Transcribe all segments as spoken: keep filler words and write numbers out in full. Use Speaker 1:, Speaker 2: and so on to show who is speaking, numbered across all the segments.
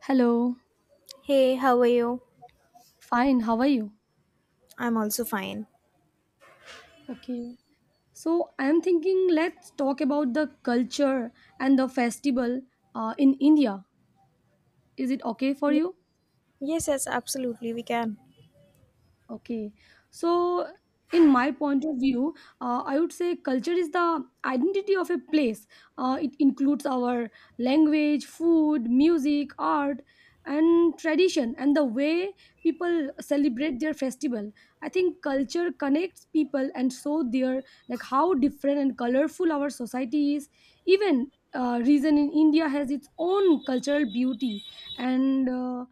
Speaker 1: Hello.
Speaker 2: Hey, how are you?
Speaker 1: Fine. How are you?
Speaker 2: I'm also fine.
Speaker 1: Okay. So I'm thinking let's talk about the culture and the festival uh, in India. Is it okay for
Speaker 2: Y-
Speaker 1: you?
Speaker 2: Yes, yes, absolutely, we can.
Speaker 1: Okay. So, in my point of view, uh, I would say culture is the identity of a place. Uh, it includes our language, food, music, art, and tradition, and the way people celebrate their festival. I think culture connects people, and so their like how different and colorful our society is. Even uh, region in India has its own cultural beauty, and uh,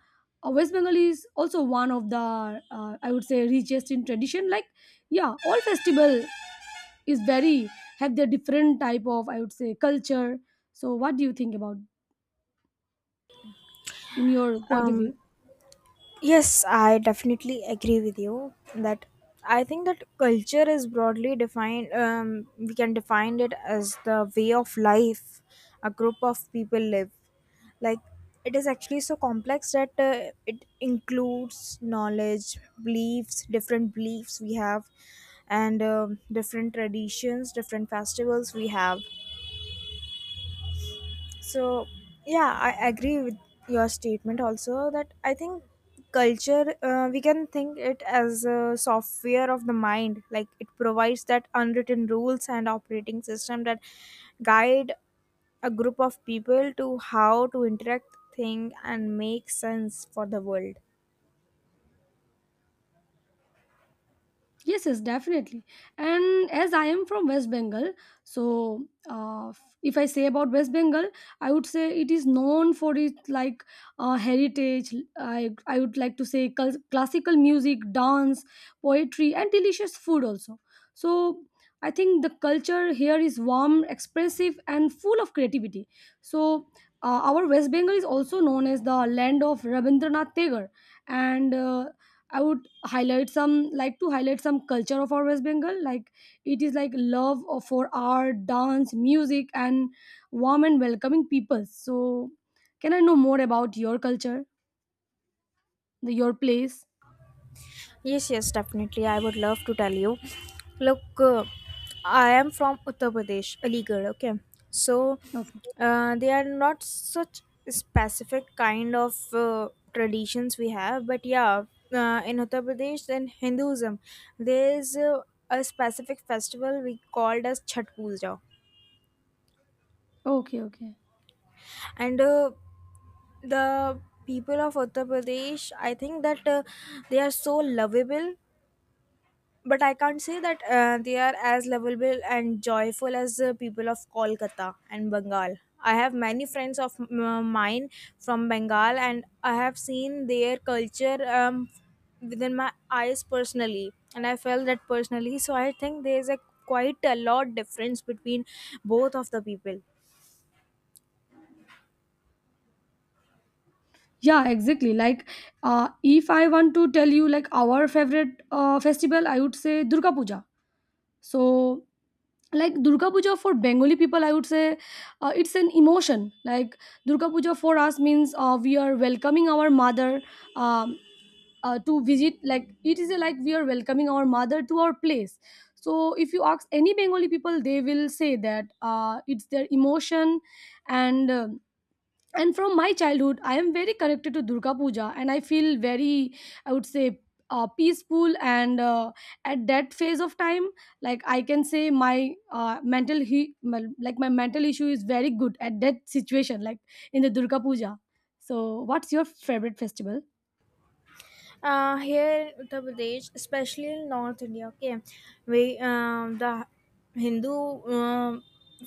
Speaker 1: uh, West Bengal is also one of the uh, I would say richest in tradition. Like yeah, all festival is very have their different type of I would say culture. So what do you think about like, in your point of
Speaker 2: Um,
Speaker 1: view?
Speaker 2: yes, I definitely agree with you that I think that culture is broadly defined. Um, we can define it as the way of life a group of people live. Like it is actually so complex that uh, it includes knowledge, beliefs, different beliefs we have, and um different traditions, different festivals we have. So, yeah, I agree with your statement also that I think culture, uh, we can think it as a software of the mind. Like it provides that unwritten rules and operating system that guide a group of people to how to interact, think, and make sense for the world.
Speaker 1: Yes, yes, definitely. And as I am from West Bengal, so uh, if I say about West Bengal, I would say it is known for its like uh, heritage. I I would like to say cul- classical music, dance, poetry, and delicious food also. So I think the culture here is warm, expressive, and full of creativity. So uh, our West Bengal is also known as the land of Rabindranath Tagore, and uh, I would highlight some like to highlight some culture of our West Bengal. Like it is like love of- for art, dance, music, and warm and welcoming people. So, can I know more about your culture, the, your place?
Speaker 2: Yes, yes, definitely. I would love to tell you. Look, uh, I am from Uttar Pradesh, Aligarh, okay? So,
Speaker 1: Okay,
Speaker 2: uh, they are not such specific kind of uh, traditions we have, but yeah, uh, in Uttar Pradesh and Hinduism, there is uh, a specific festival we called as Chhat Puja.
Speaker 1: okay, okay.
Speaker 2: And uh, the people of Uttar Pradesh, I think that uh, they are so lovable but I can't say that uh, they are as lovable and joyful as the people of Kolkata and Bengal. I have many friends of m- uh, mine from Bengal, and I have seen their culture um, within my eyes personally, and I felt that personally. So I think there is a quite a lot difference between both of the people.
Speaker 1: Yeah, exactly. Like, uh, if I want to tell you like our favorite uh, festival, I would say Durga Puja. So like Durga Puja for Bengali people I would say uh, it's an emotion. Like Durga Puja for us means uh, we are welcoming our mother, um, uh, to visit. Like it is a, like we are welcoming our mother to our place. So if you ask any Bengali people they will say that uh, it's their emotion, and uh, and from my childhood I am very connected to Durga Puja and I feel very, I would say, uh, peaceful, and uh, at that phase of time, like I can say my uh, mental he- my- like my mental issue is very good at that situation, like in the Durga Puja. So what's your favorite festival?
Speaker 2: uh, here in Uttar Pradesh, especially in North India, okay, we um, the Hindu um,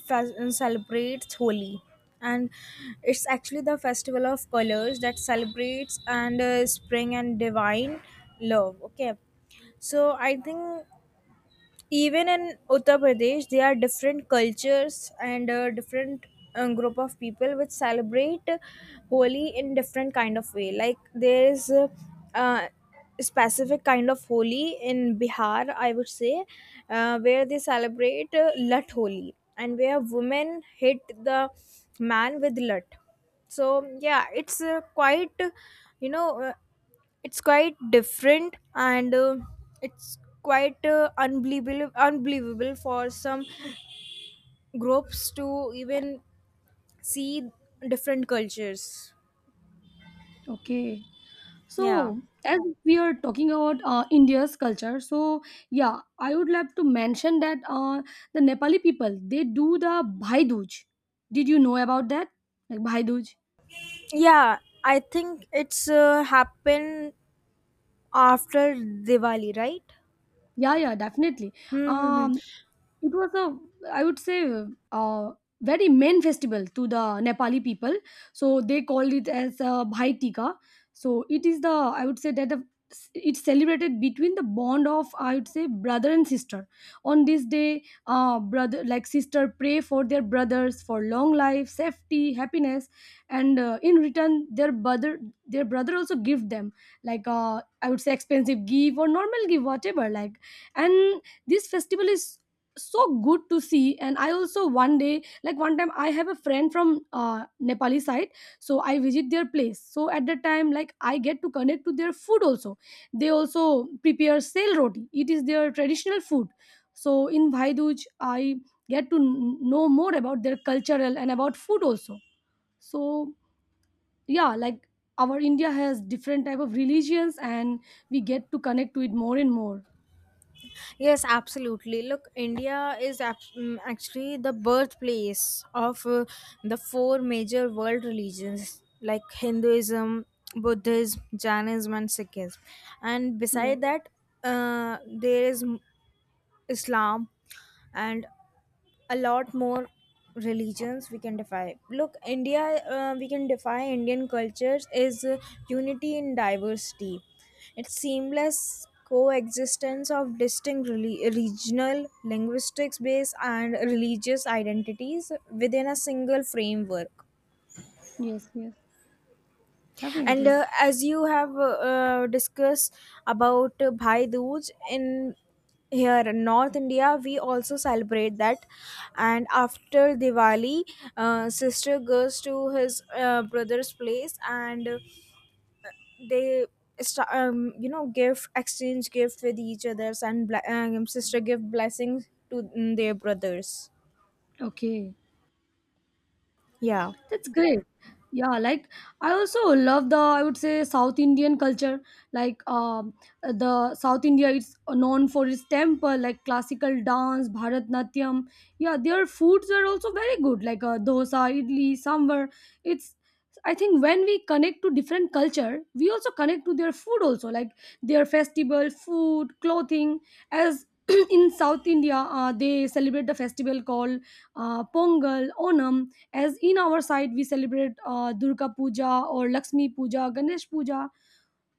Speaker 2: fes- celebrates Holi, and it's actually the festival of colors that celebrates and uh, spring and divine love. Okay, so I think even in Uttar Pradesh, there are different cultures and uh, different um, group of people which celebrate Holi in different kind of way. Like there is a, uh, specific kind of Holi in Bihar, I would say, uh, where they celebrate uh, Lat Holi and where women hit the man with lut. So yeah, it's uh, quite you know. Uh, it's quite different and uh, it's quite uh, unbelievable unbelievable for some groups to even see different cultures.
Speaker 1: Okay. So,
Speaker 2: Yeah,
Speaker 1: as we are talking about uh, India's culture, so yeah, I would love to mention that uh, the Nepali people they do the Bhai Dooj. Did you know about that? Like Bhai Dooj?
Speaker 2: yeah. I think it's uh, happened after Diwali, right?
Speaker 1: Yeah, yeah, definitely.
Speaker 2: Hmm.
Speaker 1: Um, it was a, I would say, uh, very main festival to the Nepali people, so they called it as uh, Bhai Tika. So it is the, I would say, that the it's celebrated between the bond of, I would say, brother and sister. On this day, uh, brother, like sister pray for their brothers for long life, safety, happiness, and uh, in return their brother, their brother also give them, like uh, I would say, expensive gift or normal gift, whatever. Like, and this festival is so good to see, and I also one day, like one time, I have a friend from uh, Nepali side, so I visit their place. So at that time, like I get to connect to their food also. They also prepare sel roti, it is their traditional food. So in Bhaiduj, I get to kn- know more about their cultural and about food also. So yeah, like our India has different type of religions, and we get to connect to it more and more.
Speaker 2: Yes, absolutely. Look, India is ab- mm, actually the birthplace of uh, the four major world religions like Hinduism, Buddhism, Jainism, and Sikhism. And
Speaker 1: Yeah.
Speaker 2: beside that, uh, there is Islam and a lot more religions we can defy. Look, India, uh, we can defy Indian cultures is uh, unity in diversity. It's seamless coexistence of distinct reli- regional linguistics based and religious identities within a single framework.
Speaker 1: Yes, yes,
Speaker 2: And
Speaker 1: definitely.
Speaker 2: uh, as you have uh, uh, discussed about uh, Bhai Dooj in, here in North India we also celebrate that. And after Diwali, uh, sister goes to his uh, brother's place, and uh, they sta- um, you know give exchange gift with each others, and ble- um, sister give blessings to mm, their brothers.
Speaker 1: Okay.
Speaker 2: Yeah.
Speaker 1: That's great. Yeah, like I also love the, I would say, South Indian culture. Like um, the South India is known for its temple, like classical dance, Bharatnatyam. Yeah, their foods are also very good, like uh, dosa, idli, sambar. It's, I think when we connect to different culture, we also connect to their food also, like their festival, food, clothing. As in South India, uh, they celebrate the festival called uh, Pongal, Onam, as in our side we celebrate uh, Durga Puja or Lakshmi Puja, Ganesh Puja.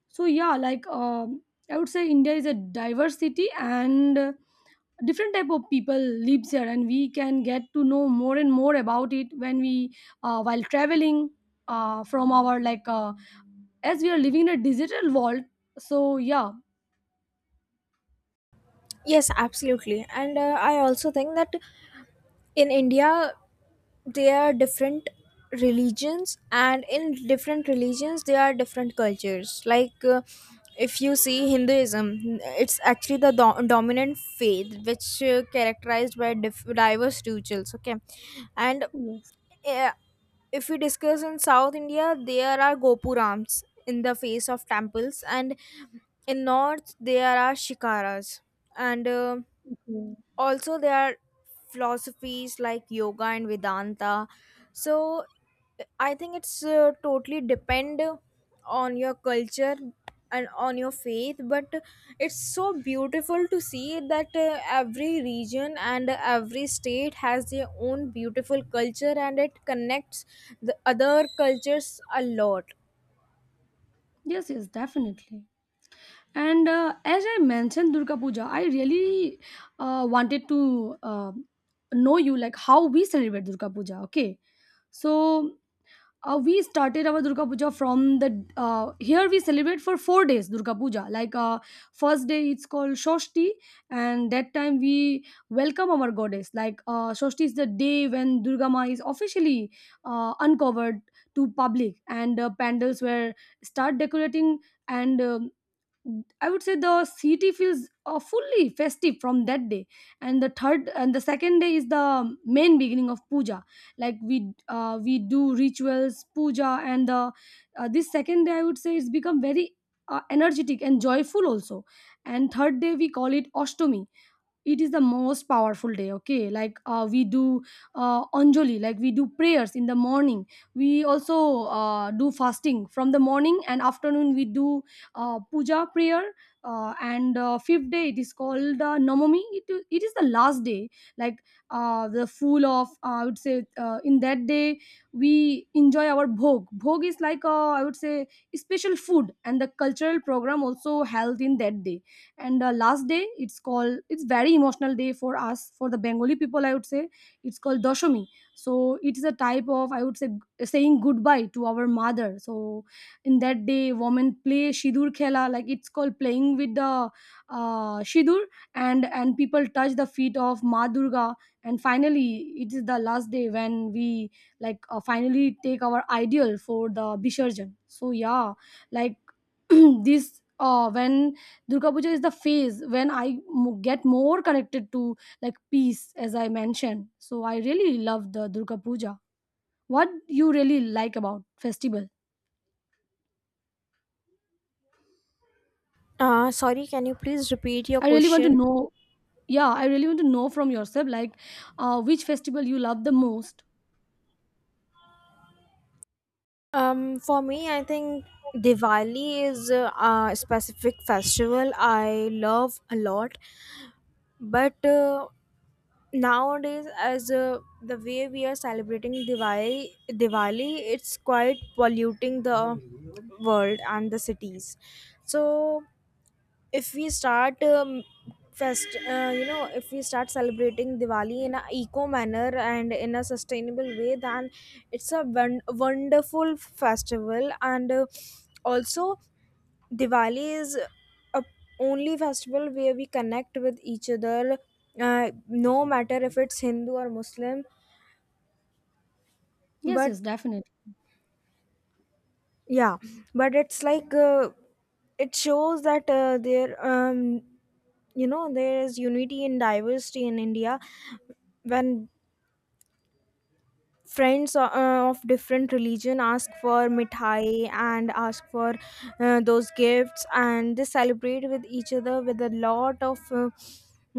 Speaker 1: So yeah, like um, I would say India is a diversity, and uh, different type of people lives here, and we can get to know more and more about it when we uh, while traveling uh, from our, like uh, as we are living in a digital world. So yeah.
Speaker 2: Yes, absolutely, and uh, I also think that in India they are different religions, and in different religions there are different cultures. Like uh, if you see Hinduism, it's actually the do- dominant faith which uh, characterized by diff- diverse rituals, okay. And
Speaker 1: Yes.
Speaker 2: uh, if we discuss in South India, there are gopurams in the face of temples, and in North there are shikaras, and uh,
Speaker 1: Okay.
Speaker 2: also there are philosophies like yoga and Vedanta. So I think it's uh, totally depend on your culture and on your faith, but it's so beautiful to see that uh, every region and every state has their own beautiful culture and it connects the other cultures a lot.
Speaker 1: Yes, yes, definitely. And uh, as I mentioned Durga Puja, I really uh, wanted to uh, know you like how we celebrate Durga Puja. Okay, so uh, we started our Durga Puja from the uh, here we celebrate for four days Durga Puja. Like uh, first day it's called Shoshti, and that time we welcome our goddess. Like uh, Shoshti is the day when Durga Ma is officially uh, uncovered to public, and uh, pandals were start decorating, and um I would say the city feels uh, fully festive from that day, and the third and the second day is the main beginning of puja. Like we uh, we do rituals, puja, and the uh, this second day, I would say it's become very uh, energetic and joyful also. And third day we call it Ashtami. It is the most powerful day. Okay, like uh, we do uh, anjali, like we do prayers in the morning. We also uh, do fasting from the morning, and afternoon we do uh, puja prayer, uh, and uh, fifth day it is called uh, namami. It, it is the last day, like uh, the full of uh, I would say uh, in that day we enjoy our bhog. Bhog is like, uh, I would say, special food, and the cultural program also held in that day. And the last day, it's called, it's very emotional day for us, for the Bengali people, I would say. It's called Doshami. So it is a type of, I would say, g- saying goodbye to our mother. So in that day women play shidur khela, like it's called playing with the uh, shidur, and and people touch the feet of Ma Durga, and finally it is the last day when we, like uh, finally take our ideal for the bisharjan. So yeah, like this uh when Durga Puja is the phase when I m- get more connected to, like peace, as I mentioned. So I really love the Durga Puja. What you really like about festival?
Speaker 2: Uh, sorry can you please repeat your
Speaker 1: I really want to
Speaker 2: question?
Speaker 1: know. Yeah, I really want to know from yourself, like uh, which festival you love the most.
Speaker 2: Um, for me, I think Diwali is a, a specific festival I love a lot. But uh, nowadays, as uh, the way we are celebrating Diwali, Diwali, it's quite polluting the world and the cities. So if we start um, fest uh, you know if we start celebrating Diwali in a eco manner and in a sustainable way, then it's a won- wonderful festival. And uh, also Diwali is a only festival where we connect with each other, uh, no matter if it's Hindu or Muslim.
Speaker 1: Yes, yes,
Speaker 2: But
Speaker 1: definitely.
Speaker 2: yeah, but it's like uh, it shows that uh, there um, you know there is unity in diversity in India when friends uh, uh, of different religion ask for mithai and ask for uh, those gifts, and they celebrate with each other with a lot of uh,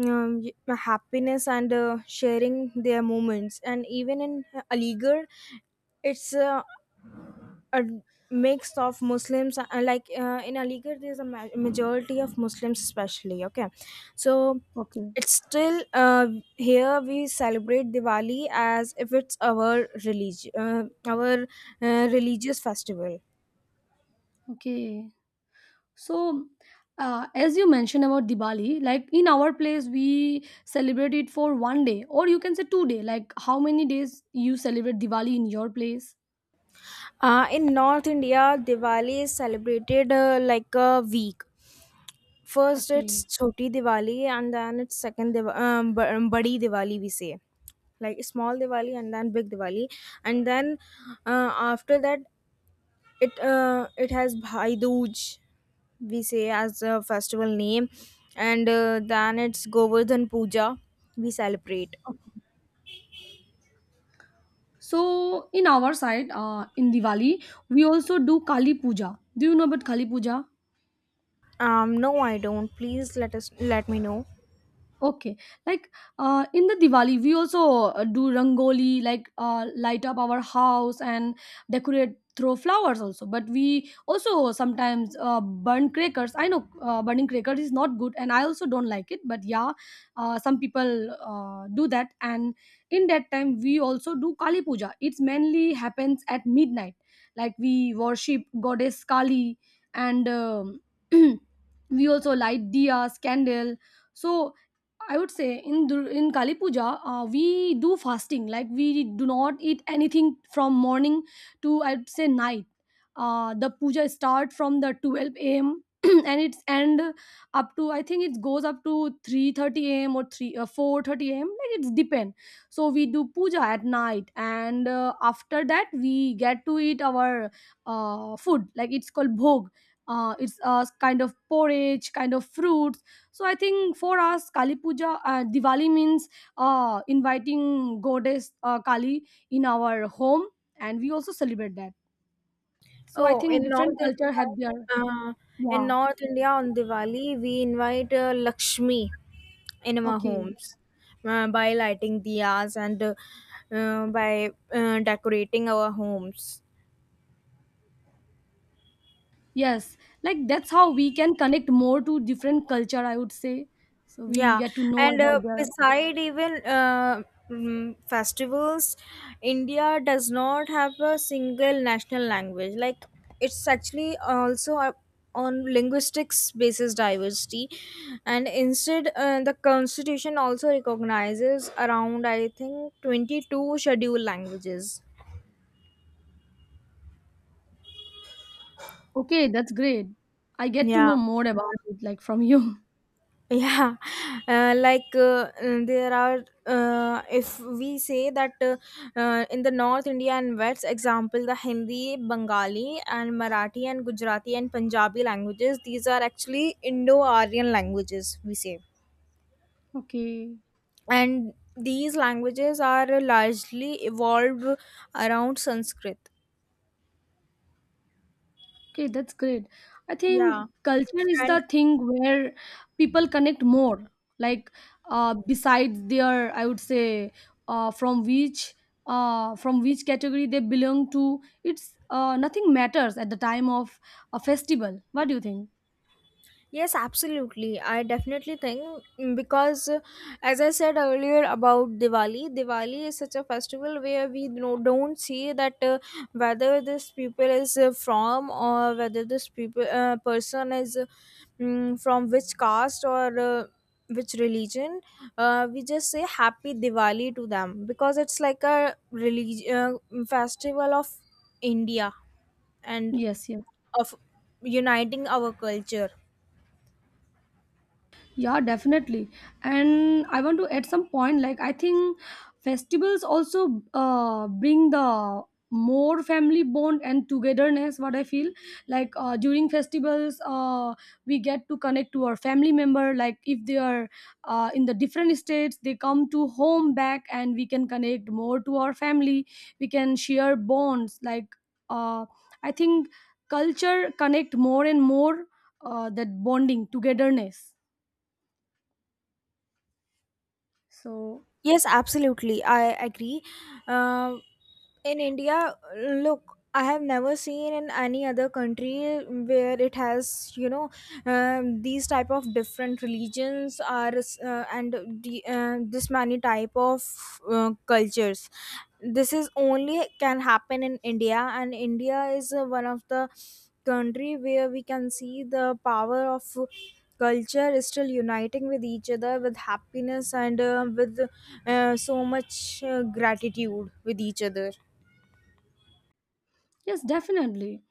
Speaker 2: um, y- happiness and uh, sharing their moments. And even in Aligarh, it's uh, a mix of Muslims, uh, like uh, in Aligarh there's a ma- majority of Muslims especially, okay. So
Speaker 1: Okay.
Speaker 2: it's still uh, here we celebrate Diwali as if it's our religion, uh, our uh, religious festival.
Speaker 1: Okay, so uh, as you mentioned about Diwali, like in our place, we celebrate it for one day, or you can say two day. Like how many days you celebrate Diwali in your place?
Speaker 2: Uh, in North India, Diwali is celebrated uh, like a week. First, it's
Speaker 1: Okay.
Speaker 2: Choti Diwali, and then it's second Div- um, B- um, Badi Diwali. We say like small Diwali and then big Diwali, and then uh, after that, It uh, it has Bhai Dooj, we say as a festival name, and uh, then it's Govardhan Puja we celebrate.
Speaker 1: So in our side, uh, in Diwali, we also do Kali Puja. Do you know about Kali Puja?
Speaker 2: Um, no, I don't. Please let us let me know.
Speaker 1: Okay, like uh, in the Diwali, we also uh, do rangoli, like uh, light up our house and decorate through flowers also. But we also sometimes uh, burn crackers. I know uh, burning crackers is not good, and I also don't like it. But yeah, uh, some people uh, do that, and in that time we also do Kali Puja. It's mainly happens at midnight, like we worship goddess Kali, and um, we also light diyas, candle. So I would say in Dur- in Kali Puja, uh, we do fasting. Like we do not eat anything from morning to I'd say night. Uh, the puja start from the twelve a m and it's end up to, I think it goes up to three thirty a m or three uh, four thirty a m. Like it's depend. So we do puja at night, and uh, after that we get to eat our uh, food. Like it's called bhog. Uh, it's a kind of porridge, kind of fruit. So I think for us, Kali Puja, uh, Diwali means uh, inviting goddess uh, Kali in our home, and we also celebrate that. So I
Speaker 2: Oh,
Speaker 1: think
Speaker 2: in
Speaker 1: different
Speaker 2: North
Speaker 1: culture
Speaker 2: India,
Speaker 1: have their,
Speaker 2: uh, in
Speaker 1: yeah.
Speaker 2: North India on Diwali we invite uh, Lakshmi in our
Speaker 1: Okay.
Speaker 2: homes uh, by lighting diyas, and uh, uh, by uh, decorating our homes.
Speaker 1: Yes, like that's how we can connect more to different culture, I would say, so we
Speaker 2: Yeah,
Speaker 1: get to know
Speaker 2: and
Speaker 1: about
Speaker 2: uh,
Speaker 1: their.
Speaker 2: beside even uh, mm, festivals, India does not have a single national language. Like it's actually also a, on linguistics basis diversity, and instead uh, the constitution also recognizes around I think twenty two scheduled languages.
Speaker 1: Okay, that's great. I get to
Speaker 2: Yeah.
Speaker 1: know more about it, like from you.
Speaker 2: Yeah, uh, like uh, uh, there are, uh, if we say that uh, uh, in the North India and West, example, the Hindi, Bengali, and Marathi, and Gujarati, and Punjabi languages, these are actually Indo Aryan languages, we say.
Speaker 1: Okay.
Speaker 2: And these languages are largely evolved around Sanskrit.
Speaker 1: Okay, that's great. I think
Speaker 2: Yeah,
Speaker 1: culture is
Speaker 2: and
Speaker 1: the thing where people connect more. Like, uh, besides their, I would say, uh, from which, uh, from which category they belong to, it's uh, nothing matters at the time of a festival. What do you think?
Speaker 2: Yes, absolutely. I definitely think, mm, because, uh, as I said earlier about Diwali, Diwali is such a festival where we no, don't see that uh, whether this people is uh, from, or whether this people uh, person is uh, mm, from which caste or uh, which religion. Uh, we just say Happy Diwali to them because it's like a religion uh, festival of India and
Speaker 1: Yes, yes.
Speaker 2: of uniting our culture.
Speaker 1: Yeah, definitely. And I want to add some point. Like I think festivals also uh, bring the more family bond and togetherness. What I feel, like uh, during festivals, uh, we get to connect to our family member. Like if they are uh, in the different states, they come to home back, and we can connect more to our family. We can share bonds. Like uh, I think culture connect more and more uh, that bonding togetherness. So,
Speaker 2: Yes, absolutely. I agree. Um in India, look, I have never seen in any other country where it has, you know, um, these type of different religions are uh, and the, uh, this many type of uh, cultures. This is only can happen in India, and India is uh, one of the country where we can see the power of culture is still uniting with each other with happiness and uh, with uh, so much uh, gratitude with each other.
Speaker 1: yes, definitely.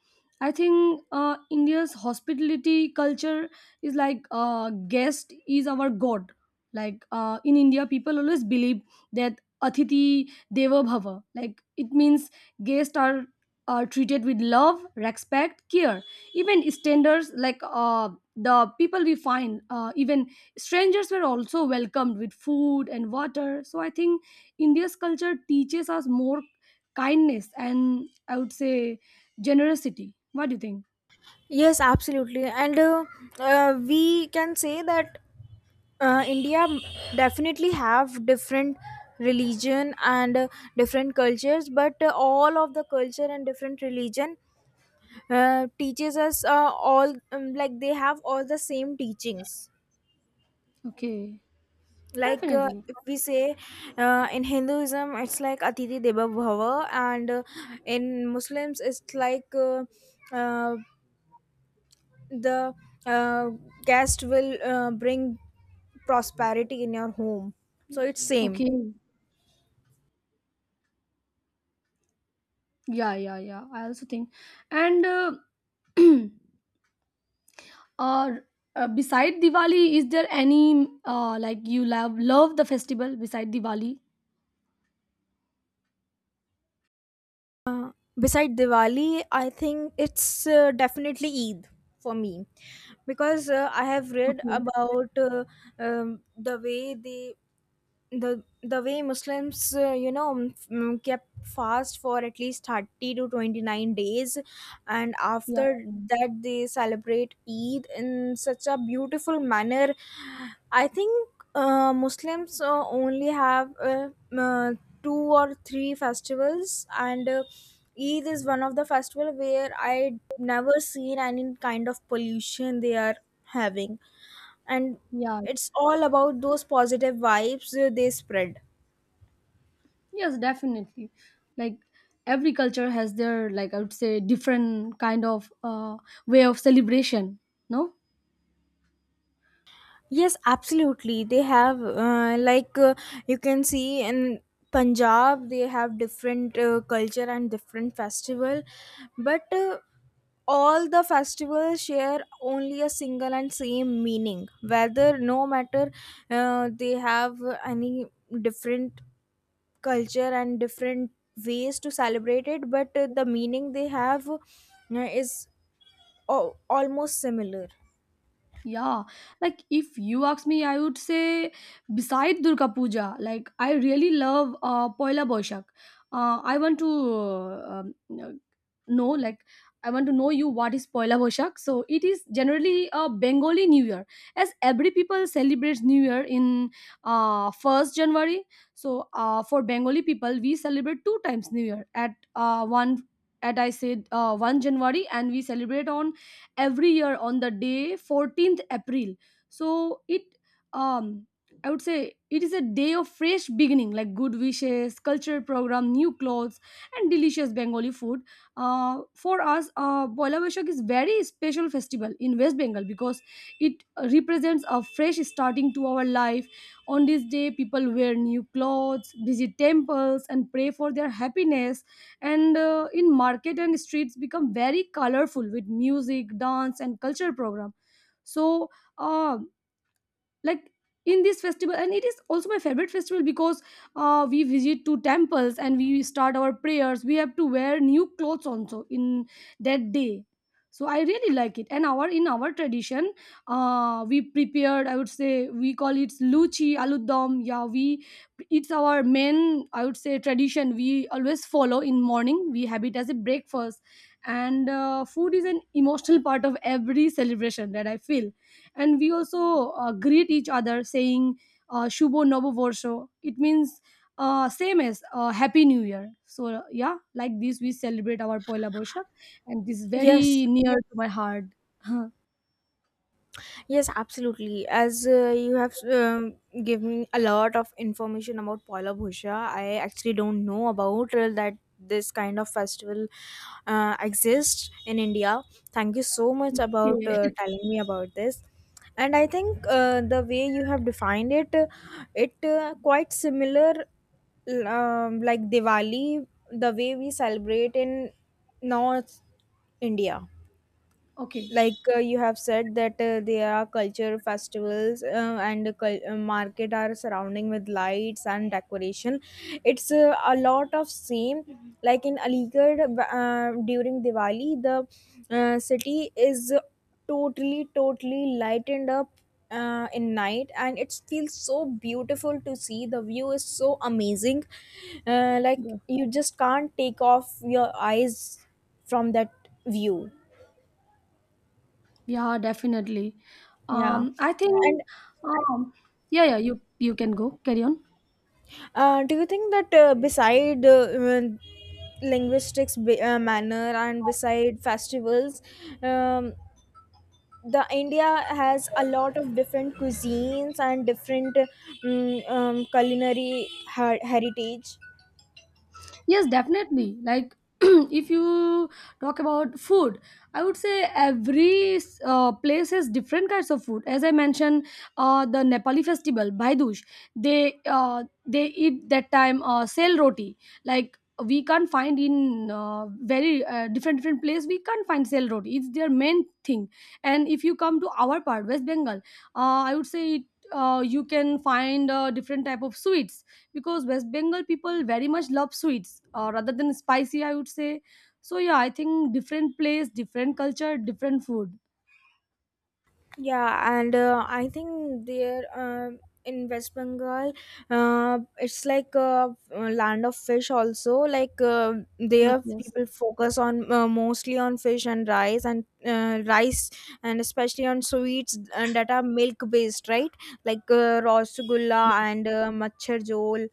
Speaker 1: I think uh, India's hospitality culture is like uh, guest is our god. Like uh, in India, people always believe that Atiti Deva Bhava. Like it means guests are, are treated with love, respect, care. Even standards like uh, the people we find, uh, even strangers were also welcomed with food and water. So I think India's culture teaches us more kindness, and I would say generosity. What do you think?
Speaker 2: Yes, absolutely, and uh, uh, we can say that uh, India definitely have different religion and uh, different cultures, but uh, all of the culture and different religion uh, teaches us uh, all um, like they have all the same teachings.
Speaker 1: Okay.
Speaker 2: Like uh,
Speaker 1: Definitely.
Speaker 2: if we say uh, in Hinduism it's like Atiti Deva Bhava, and uh, in Muslims it's like uh, uh, the uh, guest will uh, bring prosperity in your home, so it's same.
Speaker 1: Okay. Yeah, yeah, yeah, I also think. And uh, uh, uh, beside Diwali, is there any uh, like, you love love the festival beside Diwali?
Speaker 2: Beside Diwali, I think it's uh, definitely Eid for me, because uh, I have read
Speaker 1: Okay.
Speaker 2: about uh, um, the way they the the way Muslims, uh, you know, mm, kept fast for at least thirty to twenty-nine days, and
Speaker 1: Yeah,
Speaker 2: after that they celebrate Eid in such a beautiful manner. I think uh, Muslims uh, only have uh, m- uh, two or three festivals, and uh, Eid is one of the festival where I never seen any kind of pollution they are having, and
Speaker 1: yeah.
Speaker 2: it's all about those positive vibes uh, they spread.
Speaker 1: Yes, definitely. Like every culture has their, like, I would say, different kind of uh, way of celebration, no?
Speaker 2: Yes, absolutely, they have uh, like uh, you can see in Punjab they have different uh, culture and different festival, but uh, all the festivals share only a single and same meaning, whether no matter uh, they have any different culture and different ways to celebrate it, but uh, the meaning they have uh, is Oh, almost similar.
Speaker 1: Yeah, like if you ask me, I would say beside Durga Puja, like I really love uh, Poila Boishak. Uh, I want to uh, um, uh, know, like, I want to know you what is Poila Boishak. So it is generally a Bengali New Year, as every people celebrates New Year in uh, first January. So uh, for Bengali people, we celebrate two times New Year at uh, one. At I said uh, one January, and we celebrate on every year on the day fourteenth April. So it, um I would say, it is a day of fresh beginning, like good wishes, cultural program, new clothes and delicious Bengali food. Uh, for us, uh, Poila Boishakh is very special festival in West Bengal because it represents a fresh starting to our life. On this day, people wear new clothes, visit temples and pray for their happiness. And uh, in market and streets become very colorful with music, dance and culture program. So, uh, like, in this festival, and it is also my favorite festival because uh, we visit to temples and we start our prayers. We have to wear new clothes also in that day. So I really like it, and our in our tradition, uh, we prepared, I would say, we call it luchi aludom. Yeah, we, it's our main, I would say, tradition we always follow. In morning we have it as a breakfast. And uh, food is an emotional part of every celebration, that I feel. And we also uh, greet each other saying uh, Shubho Novovorsho. It means uh, same as uh, happy new year. So yeah, like this we celebrate our Poila Boishak, and this is very
Speaker 2: Yes,
Speaker 1: near to my heart.
Speaker 2: yes, absolutely. As uh, you have um, given a lot of information about Poila Bhusha, I actually don't know about uh, that this kind of festival uh, exists in India. Thank you so much about uh,
Speaker 1: Okay.
Speaker 2: telling me about this. And I think uh, the way you have defined it, uh, it uh, quite similar, um, like Diwali, the way we celebrate in North India.
Speaker 1: Okay.
Speaker 2: Like uh, you have said that uh, there are culture festivals uh, and cul- uh, market are surrounding with lights and decoration. It's uh, a lot of same like in Aligarh uh, during Diwali the uh, city is totally totally lightened up uh, in night, and it feels so beautiful to see. The view is so amazing, uh, like
Speaker 1: Yeah.
Speaker 2: you just can't take off your eyes from that view.
Speaker 1: Yeah, definitely.
Speaker 2: Yeah.
Speaker 1: um I think.
Speaker 2: And
Speaker 1: um yeah, yeah, you you can go, carry on.
Speaker 2: uh, Do you think that uh, beside uh, um, linguistics be- uh, manner and beside festivals, um, the India has a lot of different cuisines and different um, um, culinary her- heritage?
Speaker 1: Yes, definitely. Like, if you talk about food, I would say every uh, place has different kinds of food. As I mentioned, uh, the Nepali festival, Bhaidush, they uh, they eat that time uh, sel roti. Like we can't find in uh, very uh, different different place. We can't find sel roti. It's their main thing. And if you come to our part, West Bengal, uh, I would say. It, Uh, you can find uh, different type of sweets because West Bengal people very much love sweets uh, rather than spicy, I would say. So yeah, I think different place, different culture, different food.
Speaker 2: Yeah, and uh, I think there um in West Bengal, uh, it's like a uh, land of fish. Also, like uh,
Speaker 1: Yes,
Speaker 2: there,
Speaker 1: yes,
Speaker 2: people focus on uh, mostly on fish and rice and uh, rice, and especially on sweets and that are milk based, right? Like uh, rasgulla
Speaker 1: yes.
Speaker 2: and uh, machhar jol.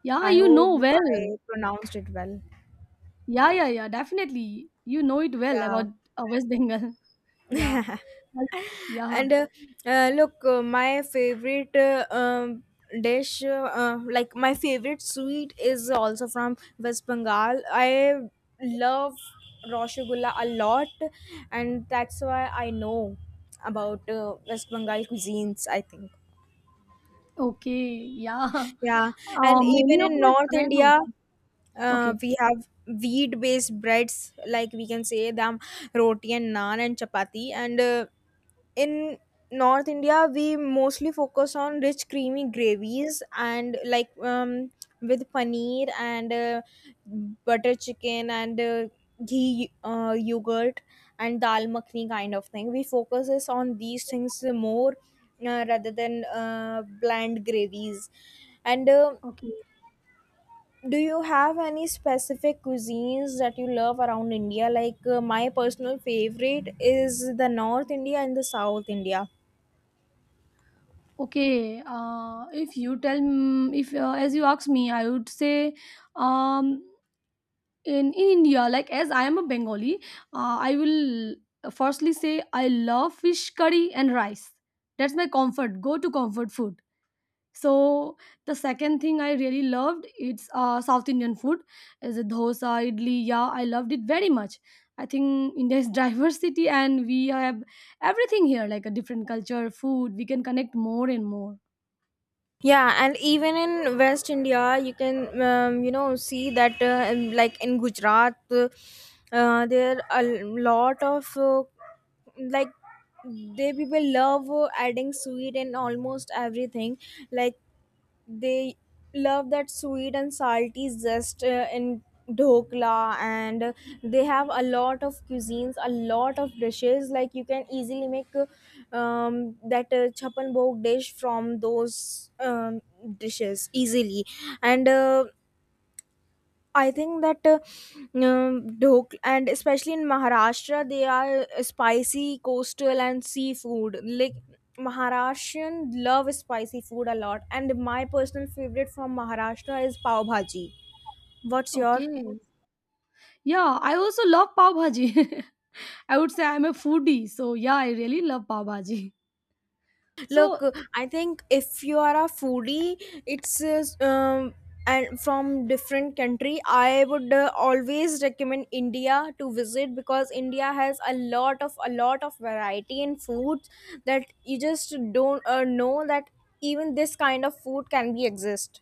Speaker 1: Yeah,
Speaker 2: I
Speaker 1: you
Speaker 2: hope
Speaker 1: know
Speaker 2: I
Speaker 1: well.
Speaker 2: pronounced it well.
Speaker 1: Yeah, yeah, yeah. Definitely, you know it well
Speaker 2: Yeah.
Speaker 1: about uh, West Bengal. Yeah, yeah.
Speaker 2: and uh, uh, look uh, my favorite uh, um, dish uh, uh, like my favorite sweet is also from West Bengal. I love rasgulla a lot, and that's why I know about uh, West Bengal cuisines, I think.
Speaker 1: Okay, yeah.
Speaker 2: Yeah,
Speaker 1: Uh,
Speaker 2: and
Speaker 1: many
Speaker 2: even
Speaker 1: of
Speaker 2: in
Speaker 1: my
Speaker 2: North
Speaker 1: friends
Speaker 2: India,
Speaker 1: also.
Speaker 2: uh,
Speaker 1: Okay,
Speaker 2: we have wheat based breads. Like, we can say them roti and naan and chapati, and uh, in North India we mostly focus on rich creamy gravies and like um with paneer and uh, butter chicken and uh, ghee, uh, yogurt and dal makhni kind of thing. We focus is on these things more, uh, rather than uh, bland gravies and uh,
Speaker 1: okay.
Speaker 2: do you have any specific cuisines that you love around India? Like uh, my personal favorite is the North India and the South India.
Speaker 1: Okay, uh, if you tell, m- if uh, as you ask me, I would say, um, in, in India, like, as I am a Bengali, uh, I will firstly say I love fish curry and rice. That's my comfort, go to comfort food. So the second thing I really loved, it's uh, South Indian food, as a dosa, idli. Yeah, I loved it very much. I think India is diversity, and we have everything here, like a different culture food, we can connect more and more.
Speaker 2: Yeah, and even in West India, you can um, you know, see that uh, in- like in Gujarat, uh, uh, there are a lot of uh, like they people love uh, adding sweet in almost everything. Like, they love that sweet and salty zest uh, in dhokla, and uh, they have a lot of cuisines, a lot of dishes. Like, you can easily make uh, um, that uh, chapan bhog dish from those um, dishes easily, and uh, I think that uh, um, dhok. And especially in Maharashtra, they are spicy, coastal, and seafood. Like, Maharashtrian love spicy food a lot, and my personal favorite from Maharashtra is pav bhaji. What's your?
Speaker 1: Okay, yeah, I also love pav bhaji. I would say I'm a foodie, so yeah, I really love pav bhaji.
Speaker 2: Look,
Speaker 1: So
Speaker 2: I think if you are a foodie, it's uh, um, and from different country, I would uh, always recommend India to visit, because India has a lot of a lot of variety in foods that you just don't uh, know that even this kind of food can be exist.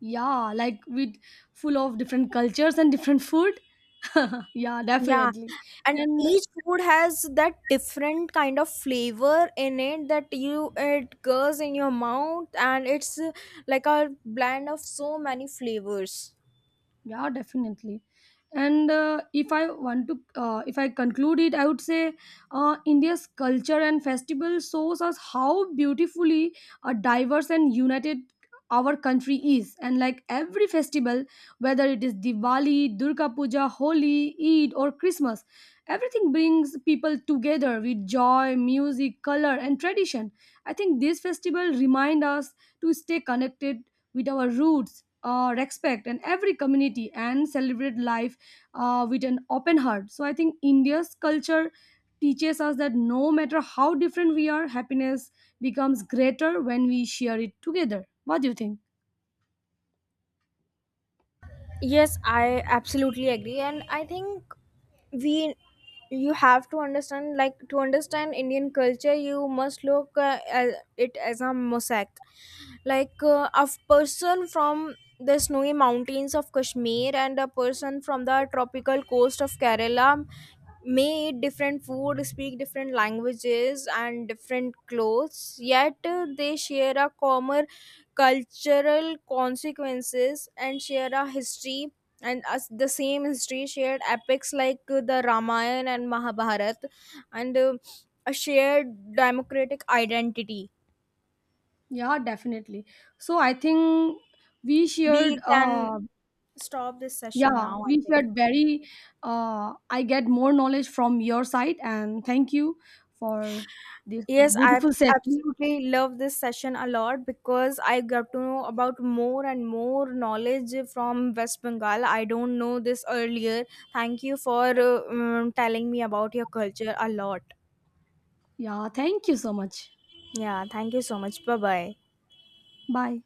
Speaker 1: yeah, like with full of different cultures and different food. Yeah,
Speaker 2: Yeah,
Speaker 1: definitely.
Speaker 2: and
Speaker 1: And.
Speaker 2: each food has that different kind of flavor in it, that you it goes in your mouth and it's uh, like a blend of so many flavors.
Speaker 1: Yeah, definitely. And uh, if i want to uh, if I conclude it, I would say, uh, India's culture and festival shows us how beautifully uh, diverse and united our country is. And like every festival, whether it is Diwali, Durga Puja, Holi, Eid or Christmas, everything brings people together with joy, music, color and tradition. I think this festival remind us to stay connected with our roots, uh, respect and every community and celebrate life uh, with an open heart. So I think India's culture teaches us that no matter how different we are, happiness becomes greater when we share it together. What do you think?
Speaker 2: Yes, I absolutely agree, and I think we you have to understand, like, to understand Indian culture you must look uh, at it as a mosaic. Like uh, a person from the snowy mountains of Kashmir and a person from the tropical coast of Kerala may eat different food, speak different languages and different clothes, yet uh, they share a common cultural consequences and share a history, and as the same history shared epics like uh, the Ramayana and Mahabharat, and uh, a shared democratic identity.
Speaker 1: Yeah, definitely. So I think we shared.
Speaker 2: We can
Speaker 1: Uh,
Speaker 2: stop this session
Speaker 1: yeah,
Speaker 2: now, I
Speaker 1: we
Speaker 2: think.
Speaker 1: shared very. Uh, I get more knowledge from your side, and thank you for this
Speaker 2: Yes, I
Speaker 1: beautiful session.
Speaker 2: absolutely love this session a lot, because I got to know about more and more knowledge from West Bengal. I don't know this earlier. Thank you for uh, um, telling me about your culture a lot.
Speaker 1: Yeah, thank you so much.
Speaker 2: Yeah, thank you so much. Bye bye.
Speaker 1: Bye.